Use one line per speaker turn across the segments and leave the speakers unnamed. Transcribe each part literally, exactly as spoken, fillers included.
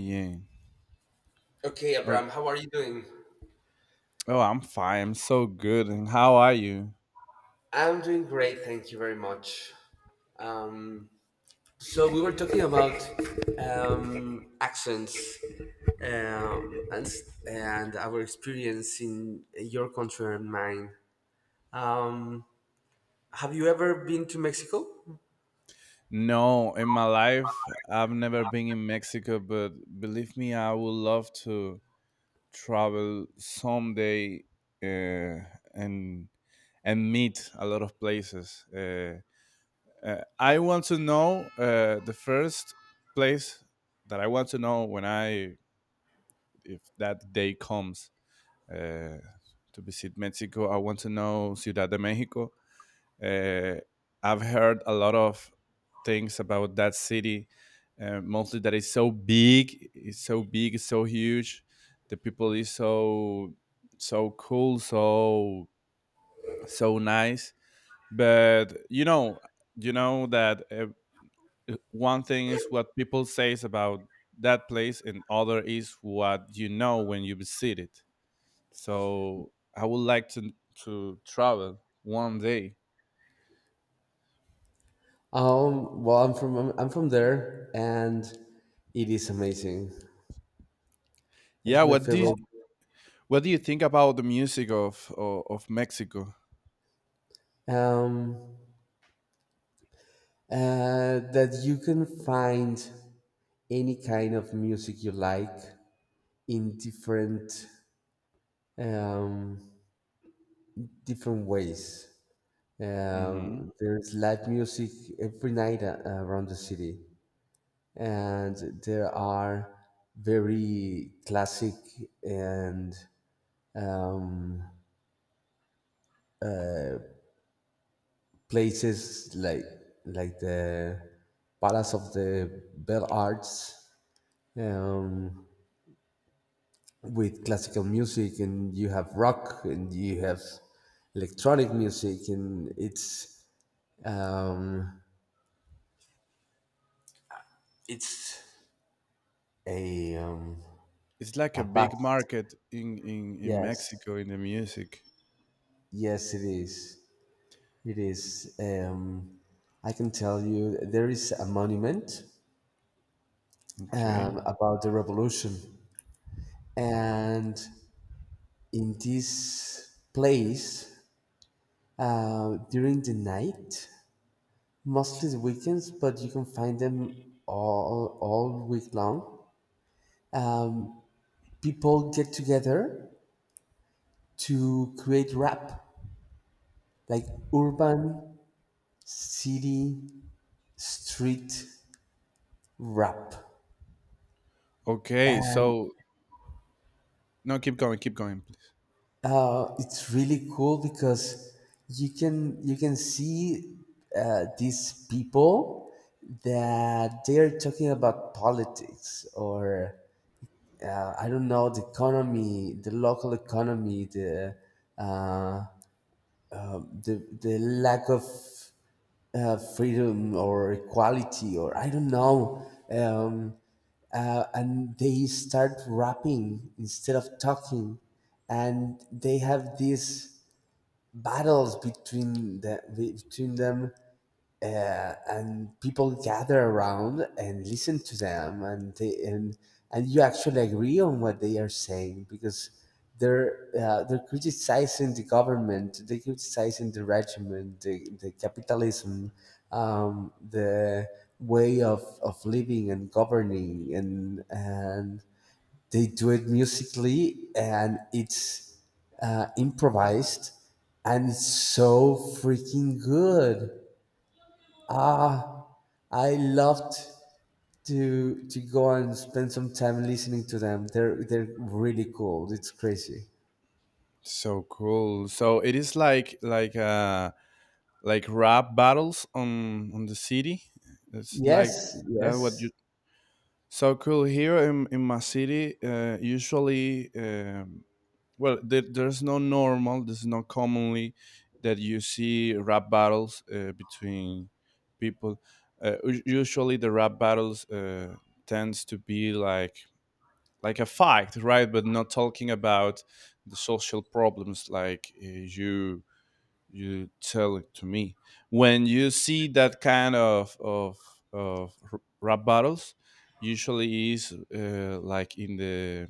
Yeah.
Okay,
Oh,
Abram, how are you doing?
oh, I'm fine. I'm so good. And how are you?
I'm doing great, thank you very much. Um, so we were talking about um, accents, um, and s- and our experience in your country and mine. Um, have you ever been to Mexico?
No, in my life, I've never been in Mexico, but believe me, I would love to travel someday, uh, and and meet a lot of places. Uh, uh, I want to know uh, the first place that I want to know when I, if that day comes, uh, to visit Mexico. I want to know Ciudad de Mexico. Uh, I've heard a lot of things about that city, uh, mostly that it's so big, it's so big, it's so huge. The people is so so cool, so so nice. But you know, you know that uh, one thing is what people says about that place, and other is what you know when you visit it. So I would like to to travel one day.
Um, well, I'm from I'm from there, and it is amazing. It's
Yeah,
my
what do
favorite.
what do you think about the music of of, of Mexico?
Um, uh, that you can find any kind of music you like, in different, um, different ways.
Hmm.
Um, there's live music every night a- around the city, and there are very classic and, um, places like like the Palace of the Bell Arts, um, with classical music, and you have rock, and you have electronic music, and it's um, It's a, um
It's like
a
a big
past.
market in, in in
Yes,
Mexico in the music.
yes, it is. It is, um, I can tell you there is a monument, um,
Okay.
about the revolution. And in this place, uh, during the night, mostly the weekends, but you can find them all all week long, um, people get together to create rap, like urban, city, street rap.
Okay. So no, keep going, keep going, please.
Uh, it's really cool, because you can you can see uh, these people that they're talking about politics, or uh, I don't know, the economy, the local economy, the, uh, the the lack of uh, freedom or equality, or I don't know. Um, uh, and they start rapping instead of talking, and they have these battles between the, between them, uh, and people gather around and listen to them and they, and and you actually agree on what they are saying, because they're uh, they're criticizing the government, they're criticizing the regime, the, the capitalism, um, the way of, of living and governing, and and they do it musically, and it's uh, improvised, and it's so freaking good. Ah, I loved to to go and spend some time listening to them. They're they're really cool. It's crazy.
So cool. So it is like like uh like rap battles on on the city. It's like
Yes,
that. What
yes,
you So cool here in in my city. Uh, usually, um, well there, there's no normal there's no commonly that you see rap battles uh, between people. Uh, u- usually the rap battles uh, tends to be like like a fight, right, but not talking about the social problems like, uh, you you tell it to me. When you see that kind of of, of r- rap battles, usually is uh, like in the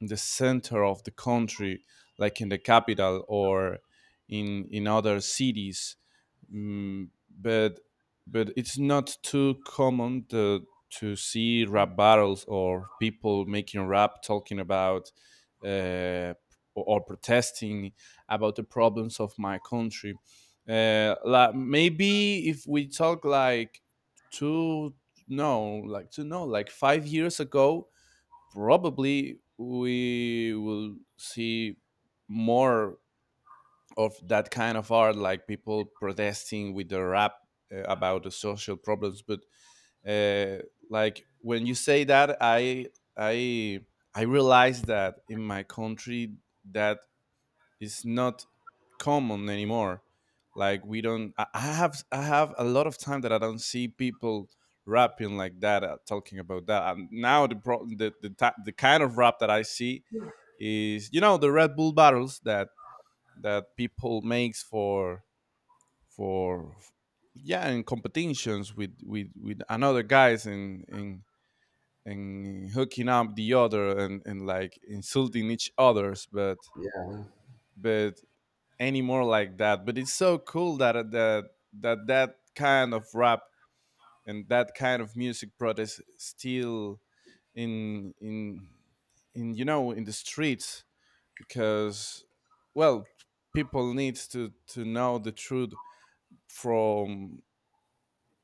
in the center of the country, like in the capital or in in other cities. Mm, but but it's not too common to to see rap battles or people making rap talking about uh, or, or protesting about the problems of my country. Uh, like maybe if we talk like two no like to know like five years ago, probably we will see more of that kind of art, like people protesting with their rap uh, about the social problems. But uh, like when you say that, I I I realize that in my country that is not common anymore. Like we don't. I, I have I have a lot of time that I don't see people rapping like that, uh, talking about that. And now the pro- the the, ta- the kind of rap that I see is you know the Red Bull battles that that people makes for for yeah in competitions with with with another guys and and and hooking up the other and and like insulting each others but
yeah.
but any more like that. But it's so cool that that that that kind of rap and that kind of music protest still in in in you know in the streets because well people needs to to know the truth from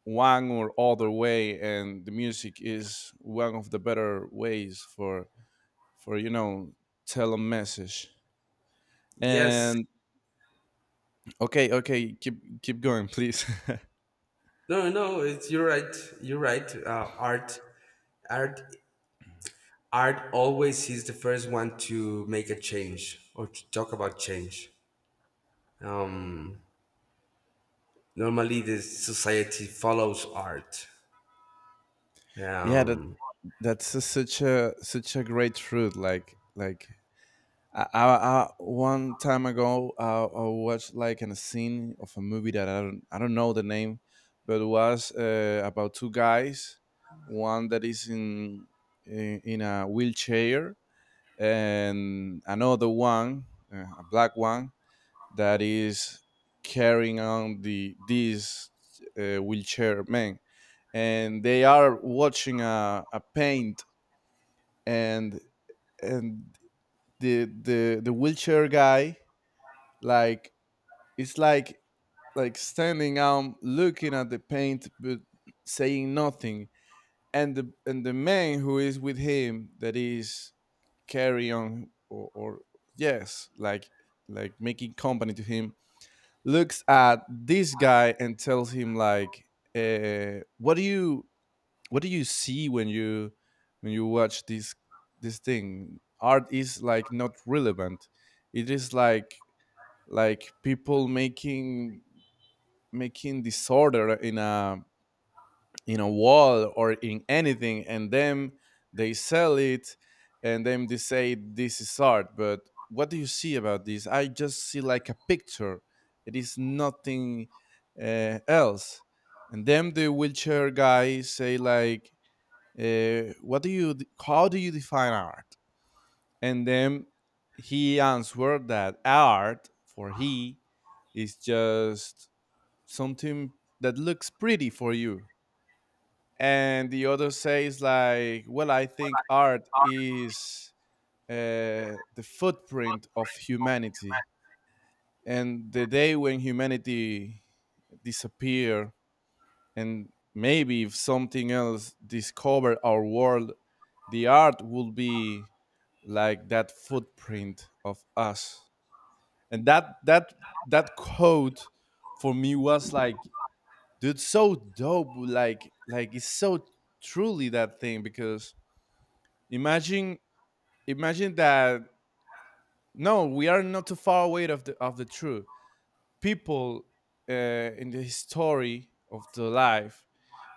one or other way, and the music is one of the better ways for for you know tell a message.
Yes.
And okay, okay, keep keep going, please.
No, no, it's, you're right. You're right. Uh, art, art, art always is the first one to make a change or to talk about change. Normally, the society follows art.
Yeah, that
Um,
that's a, such a such a great truth, like like I, I, I one time ago, I, I watched like an scene of a movie that I don't I don't know the name, but it was uh, about two guys, one that is in in, in a wheelchair, and another one, uh, a black one that is carrying on the this uh, wheelchair man, and they are watching a, a paint. and and the the the wheelchair guy like it's like like standing out, looking at the paint, but saying nothing. And the and the man who is with him that is carry on or, or yes, like like making company to him, looks at this guy and tells him like, uh, "What do you what do you see when you when you watch this this thing? Art is like not relevant. It is like like people making making disorder in a in a wall or in anything, and then they sell it, and then they say this is art. But what do you see about this? I just see like a picture. It is nothing, uh, else." And then the wheelchair guy say like, uh, "What do you how do you define art?" And then he answered that art for he is just something that looks pretty for you. And the other says like, well, I think art is uh, the footprint of humanity. And the day when humanity disappear, and maybe if something else discovered our world, the art will be like that footprint of us. And that that that quote for me was like, dude, so dope, like like it's so truly that thing because imagine, imagine that no, we are not too far away of the of the truth. People uh, in the history of the life,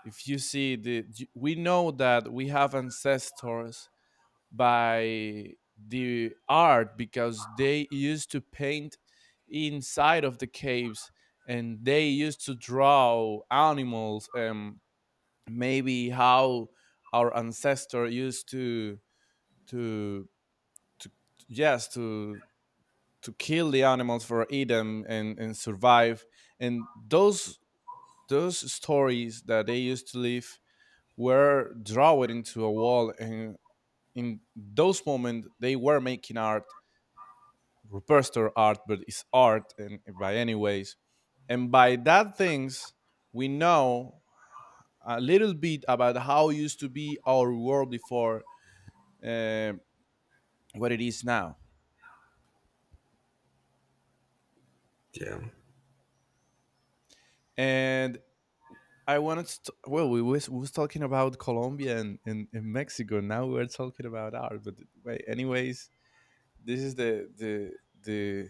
if you see the we know that we have ancestors by the art because they used to paint inside of the caves, and they used to draw animals. Um, maybe how our ancestor used to to to yes to to kill the animals for eat them and and survive. And those those stories that they used to live were drawn into a wall, and in those moments they were making art. Rupester art, but it's art in, by any ways. And by that things, we know a little bit about how it used to be our world before uh, what it is now.
yeah.
And I wanted to, well, we was, we was talking about Colombia and, and, and Mexico. Now we're talking about art. But wait, anyways, this is the the the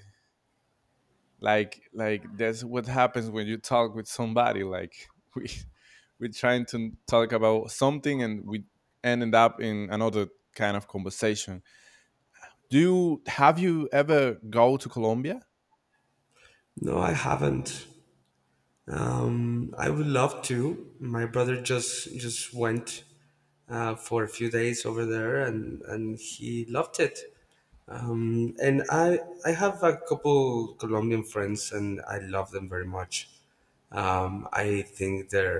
like like that's what happens when you talk with somebody like we we're trying to talk about something, and we ended up in another kind of conversation. Do you have you ever go to Colombia?
No, I haven't. Um, I would love to. My brother just just went uh, for a few days over there, and and he loved it. And I I have a couple Colombian friends, and I love them very much. Um, I think their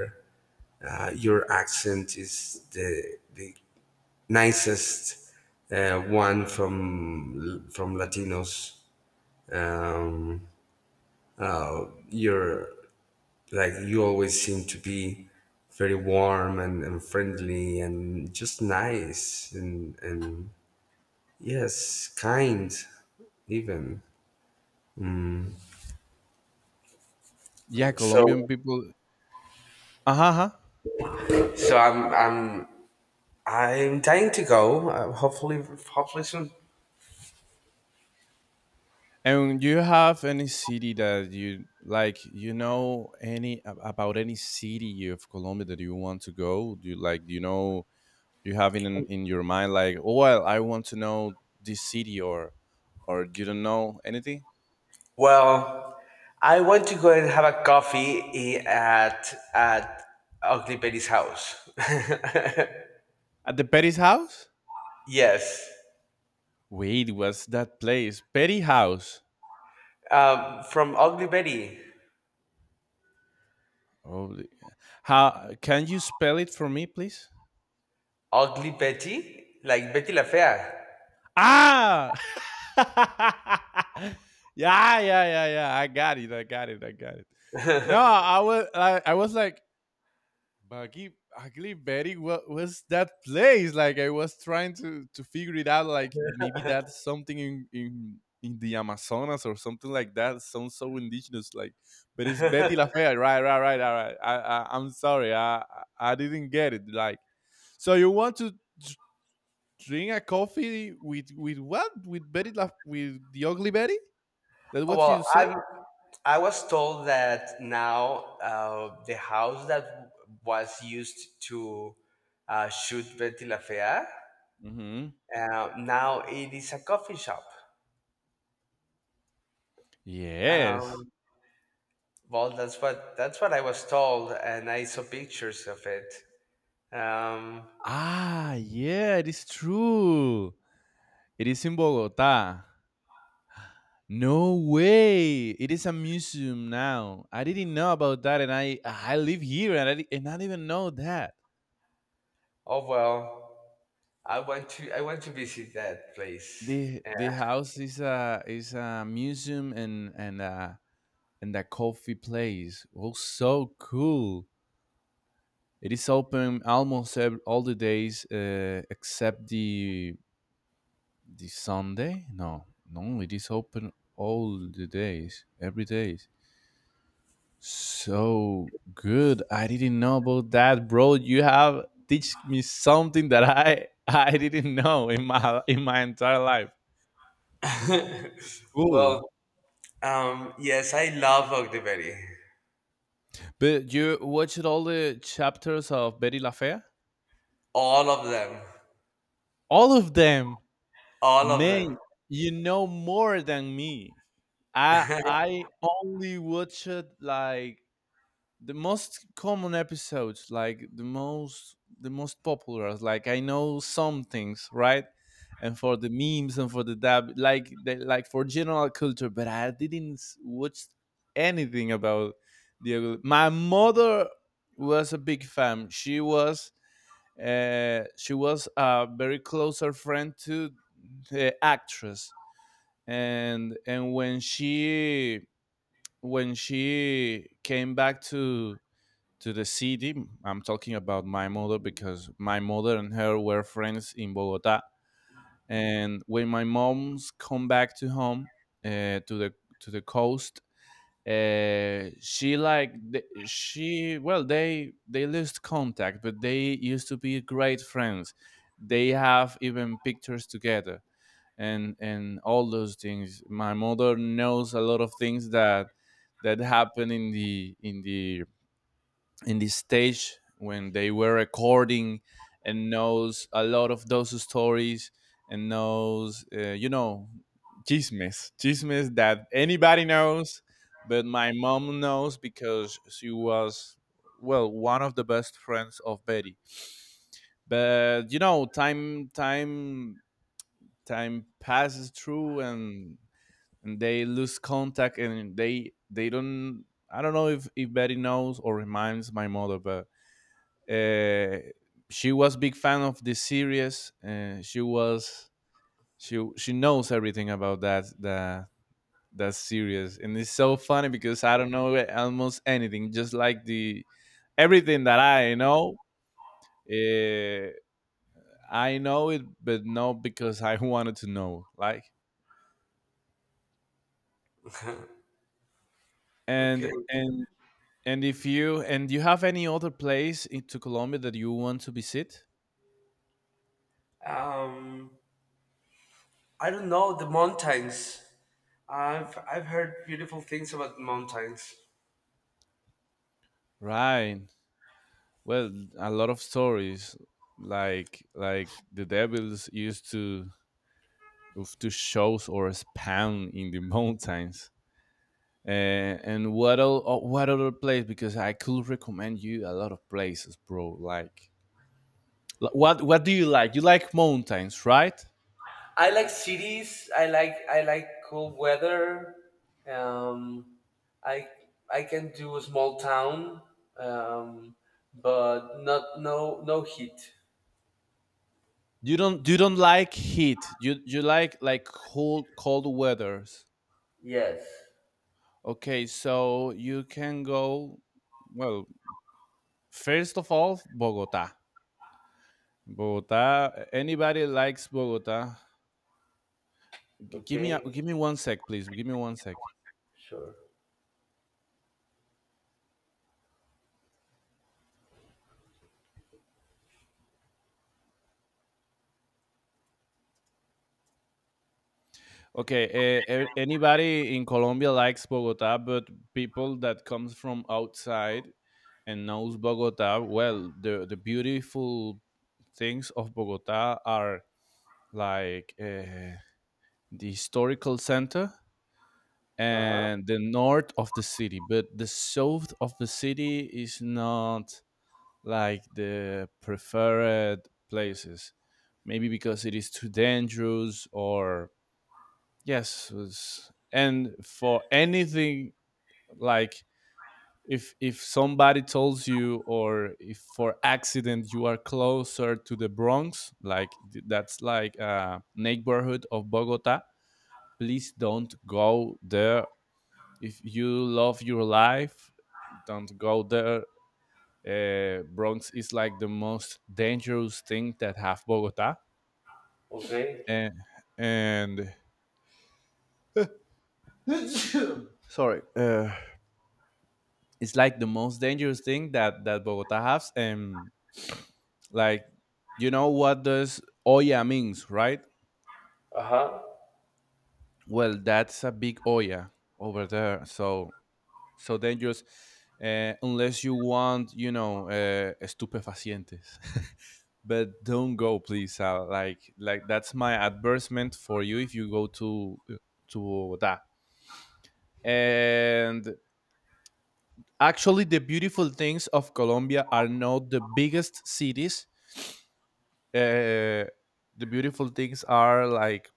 uh, your accent is the the nicest uh, one from from Latinos. Um, uh, your, like, you always seem to be very warm, and, and friendly, and just nice, and and yes, kind, even.
Yeah, Colombian
So
people. Uh-huh, uh-huh.
so i'm i'm i'm dying to go, uh, hopefully hopefully soon.
And do you have any city that you like you know any ab- about any city of Colombia that you want to go? Do you like do you know you have in in your mind like, oh, well, I want to know this city or or you don't know anything?
Well, I want to go and have a coffee i- at at Ugly Betty's house.
At the Petty's house?
Yes.
Wait, what's that place? Petty house?
Um, from Ugly Betty.
Oh the- how can you spell it for me, please?
Ugly Betty, like Betty La Fea.
Ah. Yeah, yeah, yeah, yeah, I got it, I got it, I got it. No, i was I, I was like Baggy Ugly Betty, what was that place? Like I was trying to to figure it out. Like maybe that's something in in in the Amazonas or something like that. Sounds so indigenous. Like, but it's Betty La Fea. Right, right, right, all right. I, I I'm sorry. I I I didn't get it. Like, so you want to dr- drink a coffee with with what? With Betty La with the Ugly Betty? That's what
Well,
you say?
I I was told that now, uh, the house that was used to uh, shoot Betty La Fea,
Mm-hmm.
uh, now it is a coffee shop.
Yes.
Um, well, that's what that's what I was told, and I saw pictures of it. Um,
Ah, yeah, it is true. It is in Bogota. No way! It is a museum now. I didn't know about that, and I I live here, and I di- and I didn't know that
oh well, I want to I want to visit that place.
the the house is a is a museum and and uh and a coffee place. Oh, so cool! It is open almost ev- all the days uh, except the the Sunday. No, no, it is open all the days, every day. So good. I didn't know about that, bro. You have teach me something that I I didn't know in my in my entire life.
And
Cool.
well, um, yes, I love Ogdeberry.
But you watched all the chapters of Betty La Fea?
All of them,
All of them.
all of
Man, you know more than me. I
them.
I only watched like the most common episodes, like the most the most popular, like I know some things, right, and for the memes and for the dab, like the, like for general culture, but i didn't s- watch anything about the my mother was a big fan. She was uh, she was a very closer friend to the actress. and and when she when she came back to to the city. I'm talking about my mother because my mother and her were friends in Bogota. And when my mom's come back to home, uh, to the to the coast, uh, she like th- she well they they lost contact, but they used to be great friends. They have even pictures together and and all those things. My mother knows a lot of things that that happen in the in the in this stage when they were recording, and knows a lot of those stories, and knows uh, you know, chismes, chismes that anybody knows, but my mom knows because she was well one of the best friends of Betty. But you know, time time time passes through, and and they lose contact, and they they don't I don't know if if Betty knows or reminds my mother. But uh, she was a big fan of the series. Uh, she was she she knows everything about that that that series, and it's so funny because I don't know almost anything. Just like the everything that I know, uh, I know it, but not because I wanted to know. Like and
Okay.
and and if you and you have any other place into Colombia that you want to visit?
Um, I don't know the mountains. I've I've heard beautiful things about mountains.
Right. Well, a lot of stories like like the devils used to of- to shows or spawn in the mountains. Uh, and what o- o- what other place? Because I could recommend you a lot of places, bro. Like l- what what do you like? You like mountains, right?
I like cities. I like I like cool weather. Um, I I can do a small town, um, but not, no, no heat.
You don't you don't like heat. You you like like cold cold weathers.
Yes.
Okay, so you can go well, first of all, Bogota. Bogota. Anybody likes Bogota? G- Give me a,
Okay.
give me one sec, please. Give me one sec.
Sure.
Okay, uh, anybody in Colombia likes Bogota, but people that comes from outside and knows Bogota, well, the the beautiful things of Bogota are like uh, the historical center
Uh huh.
and the north of the city, but the south of the city is not like the preferred places maybe because it is too dangerous or yes was- and for anything like if if somebody tells you or if for accident you are closer to the Bronx, like th- that's like a neighborhood of Bogota. Please don't go there. If you love your life, don't go there. Uh, Bronx is like the most dangerous thing that have Bogota,
Okay.
and and sorry, uh, it's like the most dangerous thing that that Bogota has. And like, you know what does olla means, right?
Uh huh.
Well, that's a big olla over there. So So dangerous, uh, unless you want, you know, uh, estupefacientes. But don't go, please. Uh, like, like that's my advertisement for you if you go to to that. And actually, the beautiful things of Colombia are not the biggest cities. Uh, the beautiful things are like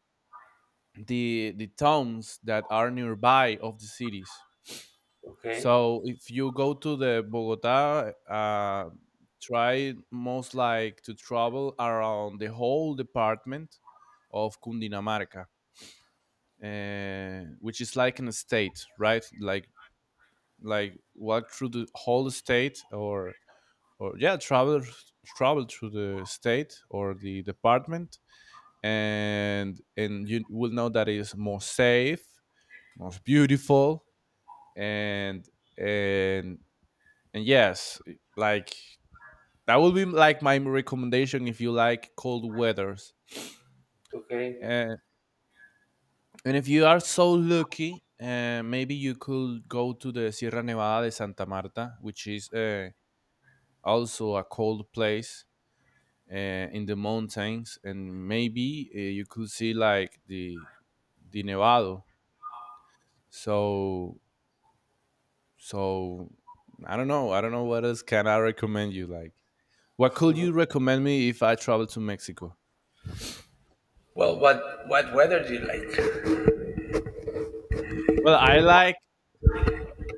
the the towns that are nearby of the cities.
Okay.
So if you go to the Bogota, uh, try most like to travel around the whole department of Cundinamarca, uh, which is like an estate, right? Like like walk through the whole state, or or yeah, travel travel through the state or the department, and and you will know that it is more safe, most beautiful, and and And yes, like that would be like my recommendation if you like cold weathers.
Okay.
Uh, and if you are so lucky, uh, maybe you could go to the Sierra Nevada de Santa Marta, which is uh, also a cold place, uh, in the mountains, and maybe uh, you could see like the the Nevado. So so I don't know. I don't know what else can I recommend you. Like, what could you recommend me if I travel to Mexico?
Well, what what weather do you like?
Well, I like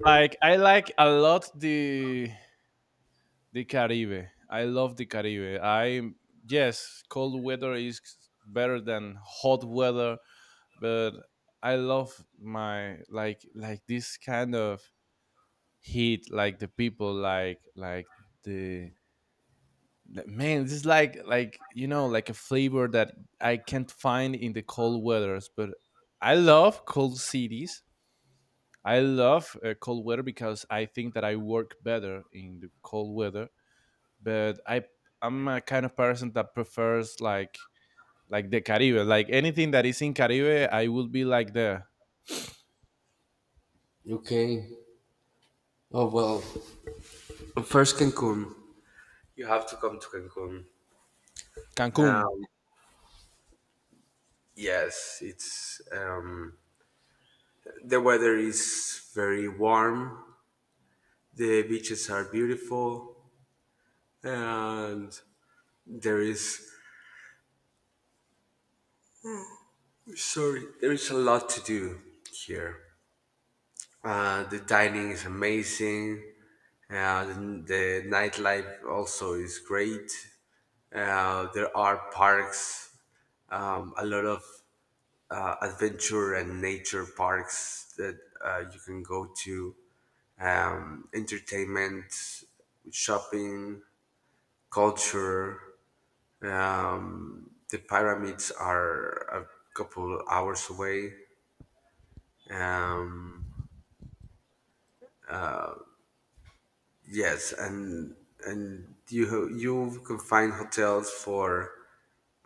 Like I like a lot the the Caribe. I love the Caribe. I yes, cold weather is better than hot weather, but I love my like like this kind of heat, like the people, like like the the- man. This is like like you know like a flavor that I can't find in the cold weathers, but I love cold cities. I love uh, cold weather because I think that I work better in the cold weather. But I I'm a kind of person that prefers like like the Caribe, like anything that is in Caribe, I would be like there.
Okay. Oh well, first, Cancun. You have to come to Cancun.
Cancun.
Um, yes, it's, um, the weather is very warm. The beaches are beautiful, and there is, sorry, there is a lot to do here. Uh, the dining is amazing. Uh, the, the nightlife also is great. Uh, there are parks, um, a lot of uh, adventure and nature parks that uh, you can go to, um, entertainment, shopping, culture. Um, the pyramids are a couple hours away. Um, Yes, and and you ho- you can find hotels for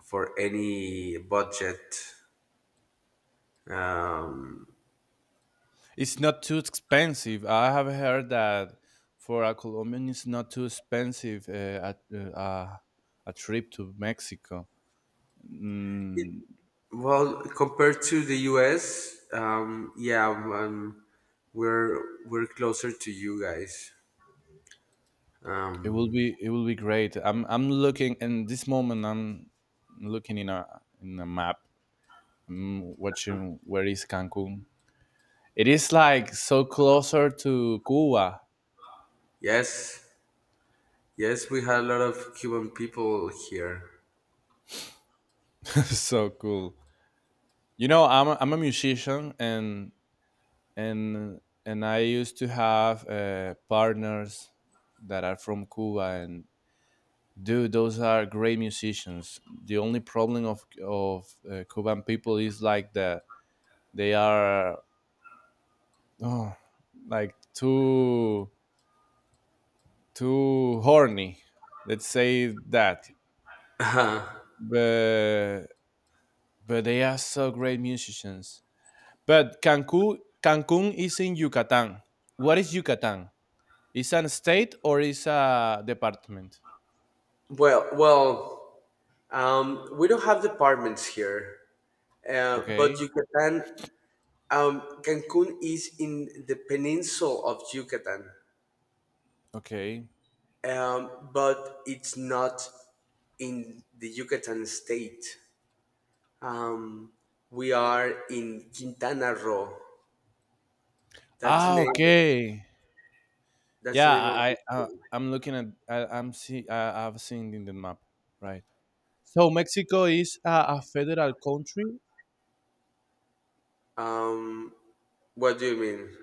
for any budget.
It's not too expensive. I have heard that for a Colombian, it's not too expensive uh, a, a a trip to Mexico. Mm,
Well, compared to the U S, um, yeah, um, we're we're closer to you guys.
it will
Um,
be it will be great. I'm I'm looking in this moment. I'm looking in a in a map. I'm watching where is Cancun. It is like so closer to Cuba.
yes, yes, we had a lot of Cuban people here.
So cool. You know, I'm a, I'm a musician and and and I used to have uh, partners that are from Cuba and dude, those are great musicians. The only problem of of uh, Cuban people is like that they are oh, like too too horny. Let's say that. But But they are so great musicians. But Cancun, Cancun is in Yucatan. What is Yucatan? Is an state or is a department?
Well, well, um, we don't have departments here, uh, but
Okay.
Yucatan, um, Cancun is in the peninsula of Yucatan,
Okay.
um, but it's not in the Yucatan state. Um, we are in Quintana Roo. That's the
Ah,
name.
okay.
That's the
Yeah,
name of the
I, I uh,
state.
I'm looking at I, I'm see I, I've seen in the map, right? So Mexico is a, a federal country.
Um, what do you mean?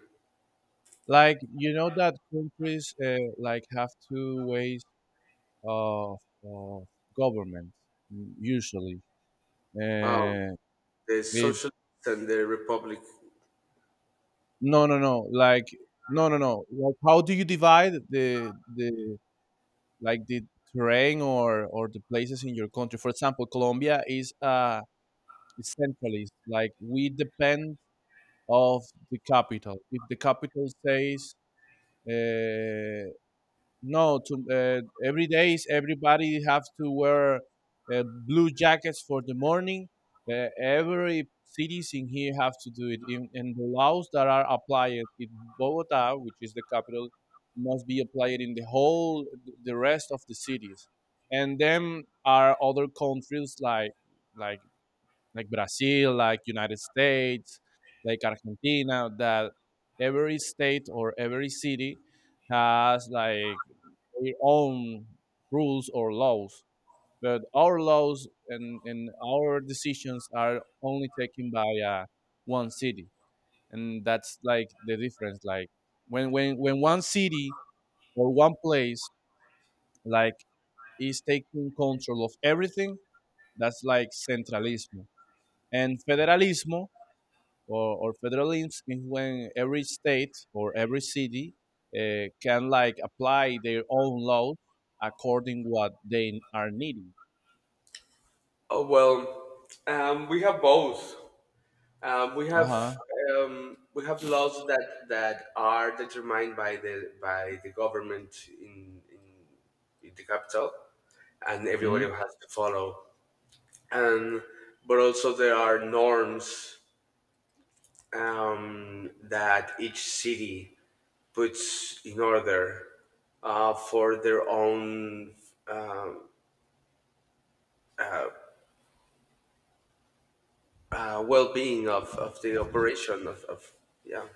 Like you know that countries uh, like have two ways of, of government, mm, usually.
Um,
Uh,
the
it
Socialists and the Republic.
no, no, no. Like no, no, no. Like how do you divide the the like the terrain or or the places in your country? For example, Colombia is uh is centralist. Like we depend of the capital. If the capital says uh, no, to uh, every days everybody have to wear uh, blue jackets for the morning. Uh, every cities in here have to do it, in, and the laws that are applied in Bogota, which is the capital, must be applied in the whole the rest of the cities. And then are other countries like like like Brazil, like United States, like Argentina, that every state or every city has like their own rules or laws. But our laws and, and our decisions are only taken by uh, one city, and that's like the difference. Like when when when one city or one place like is taking control of everything, that's like centralismo. And federalismo or, or federalism is when every state or every city uh, can like apply their own laws according what they are needing.
Oh well, um, we have both. Um, we
Uh
have,
huh.
um, we have laws that that are determined by the by the government in in, in the capital, and
Mm-hmm.
everybody has to follow. And but also there are norms, um, that each city puts in order uh, for their own, uh, uh, well-being of, of the operation of, of yeah.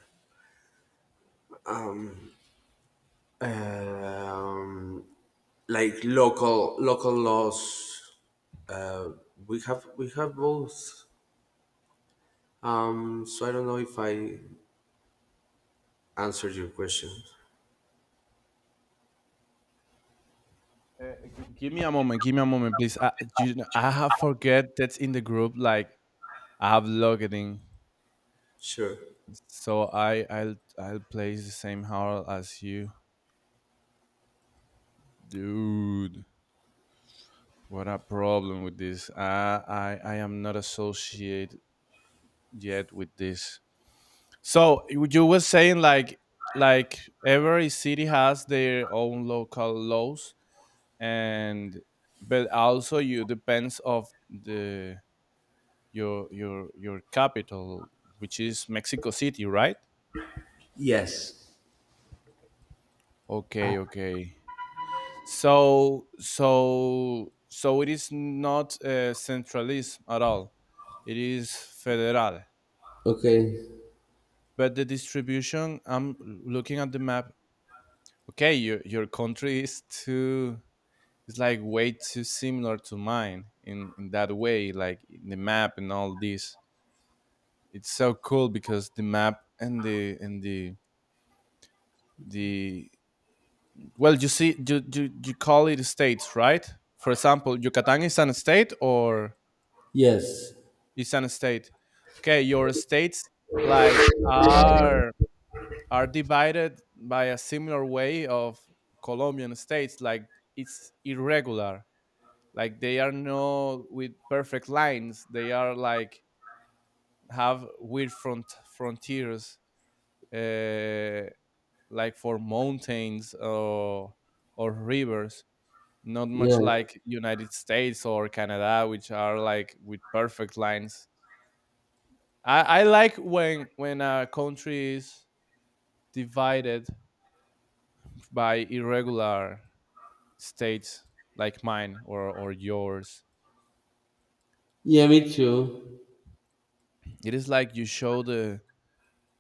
Um, like local local laws, uh, we have we have both. Um, so i don't know if I answered your question.
Uh, give me a moment. Give me a moment, please. I, you, I have forget that's in the group. Like I have logged in,
Sure.
so I I'll I'll place the same howl as you, dude. What a problem with this. I I I am not associated yet with this. So you you were saying like like every city has their own local laws and but also you depends of the your your your capital which is Mexico City, right?
Yes.
Okay, okay. So so so it is not uh, centralist at all. It is federal.
Okay.
But the distribution, I'm looking at the map. Okay, your your country is too it's like way too similar to mine in in that way, like the map and all this. It's so cool because the map and the and the the well, you see you you, you call it states, right? For example, Yucatan is an state or
Yes.
is an state. Okay, your states like are are divided by a similar way of Colombian states. Like it's irregular, like they are not with perfect lines. They are like have weird front frontiers, uh, like for mountains or or rivers, not much like United States or Canada which are like with perfect lines. i, I like when when a country is divided by irregular states like mine or or yours.
Yeah, me too.
It is like you show the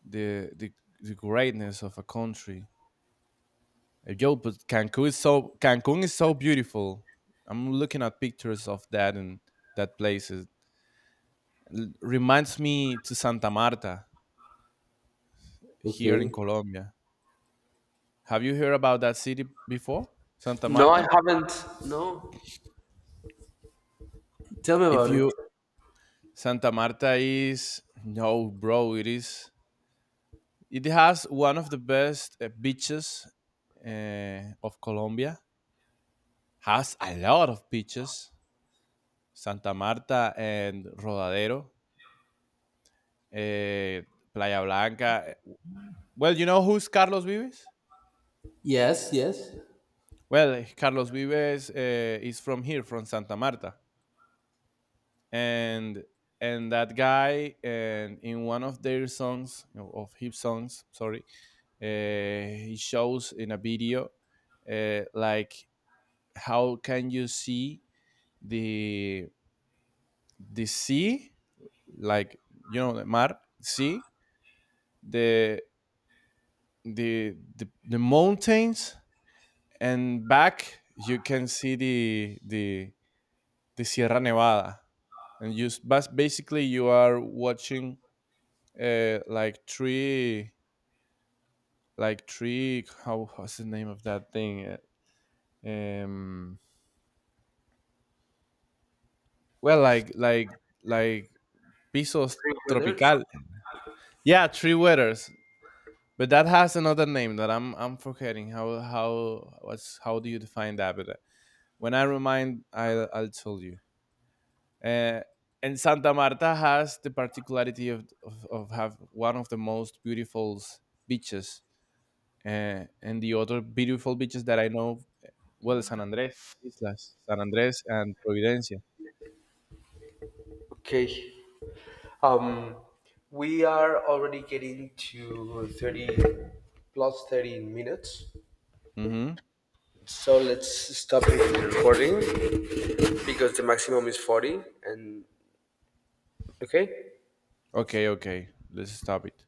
the the the greatness of a country. Uh, Yo, but Cancun is so Cancun is so beautiful. I'm looking at pictures of that and that place. It l- reminds me to Santa Marta here in
Okay.
Colombia. Have you heard about that city before? Santa
No, I
Marta?
haven't. No, tell me
If
about it.
you Santa Marta is no, bro, it is it has one of the best uh, beaches uh, of Colombia. Has a lot of beaches, Santa Marta and Rodadero, eh, Playa Blanca. Well, you know who's Carlos Vives?
Yes, yes.
Well, Carlos Vives uh, is from here, from Santa Marta, and and that guy, and in one of their songs, of his songs, sorry, uh, he shows in a video, uh, like how can you see the the sea, like you know, the mar, sea, the the the, the mountains and back you can see the the the Sierra Nevada, and you s- bas- basically you are watching uh, like three like three how what's the name of that thing? Uh, Um, well, like like like pisos
Three weathers.
tropical. Yeah, three weathers. But that has another name that I'm I'm forgetting. How how what's how do you define that? But uh, when I remind, I'll I'll tell you. Uh, and Santa Marta has the particularity of, of, of have one of the most beautiful beaches. Uh, and the other beautiful beaches that I know well, San Andres, Islas, San Andres, and Providencia.
Okay, um, we are already getting to thirty plus thirty minutes,
Hmm.
so let's stop the recording, because the maximum is forty. And okay.
Okay, okay, let's stop it.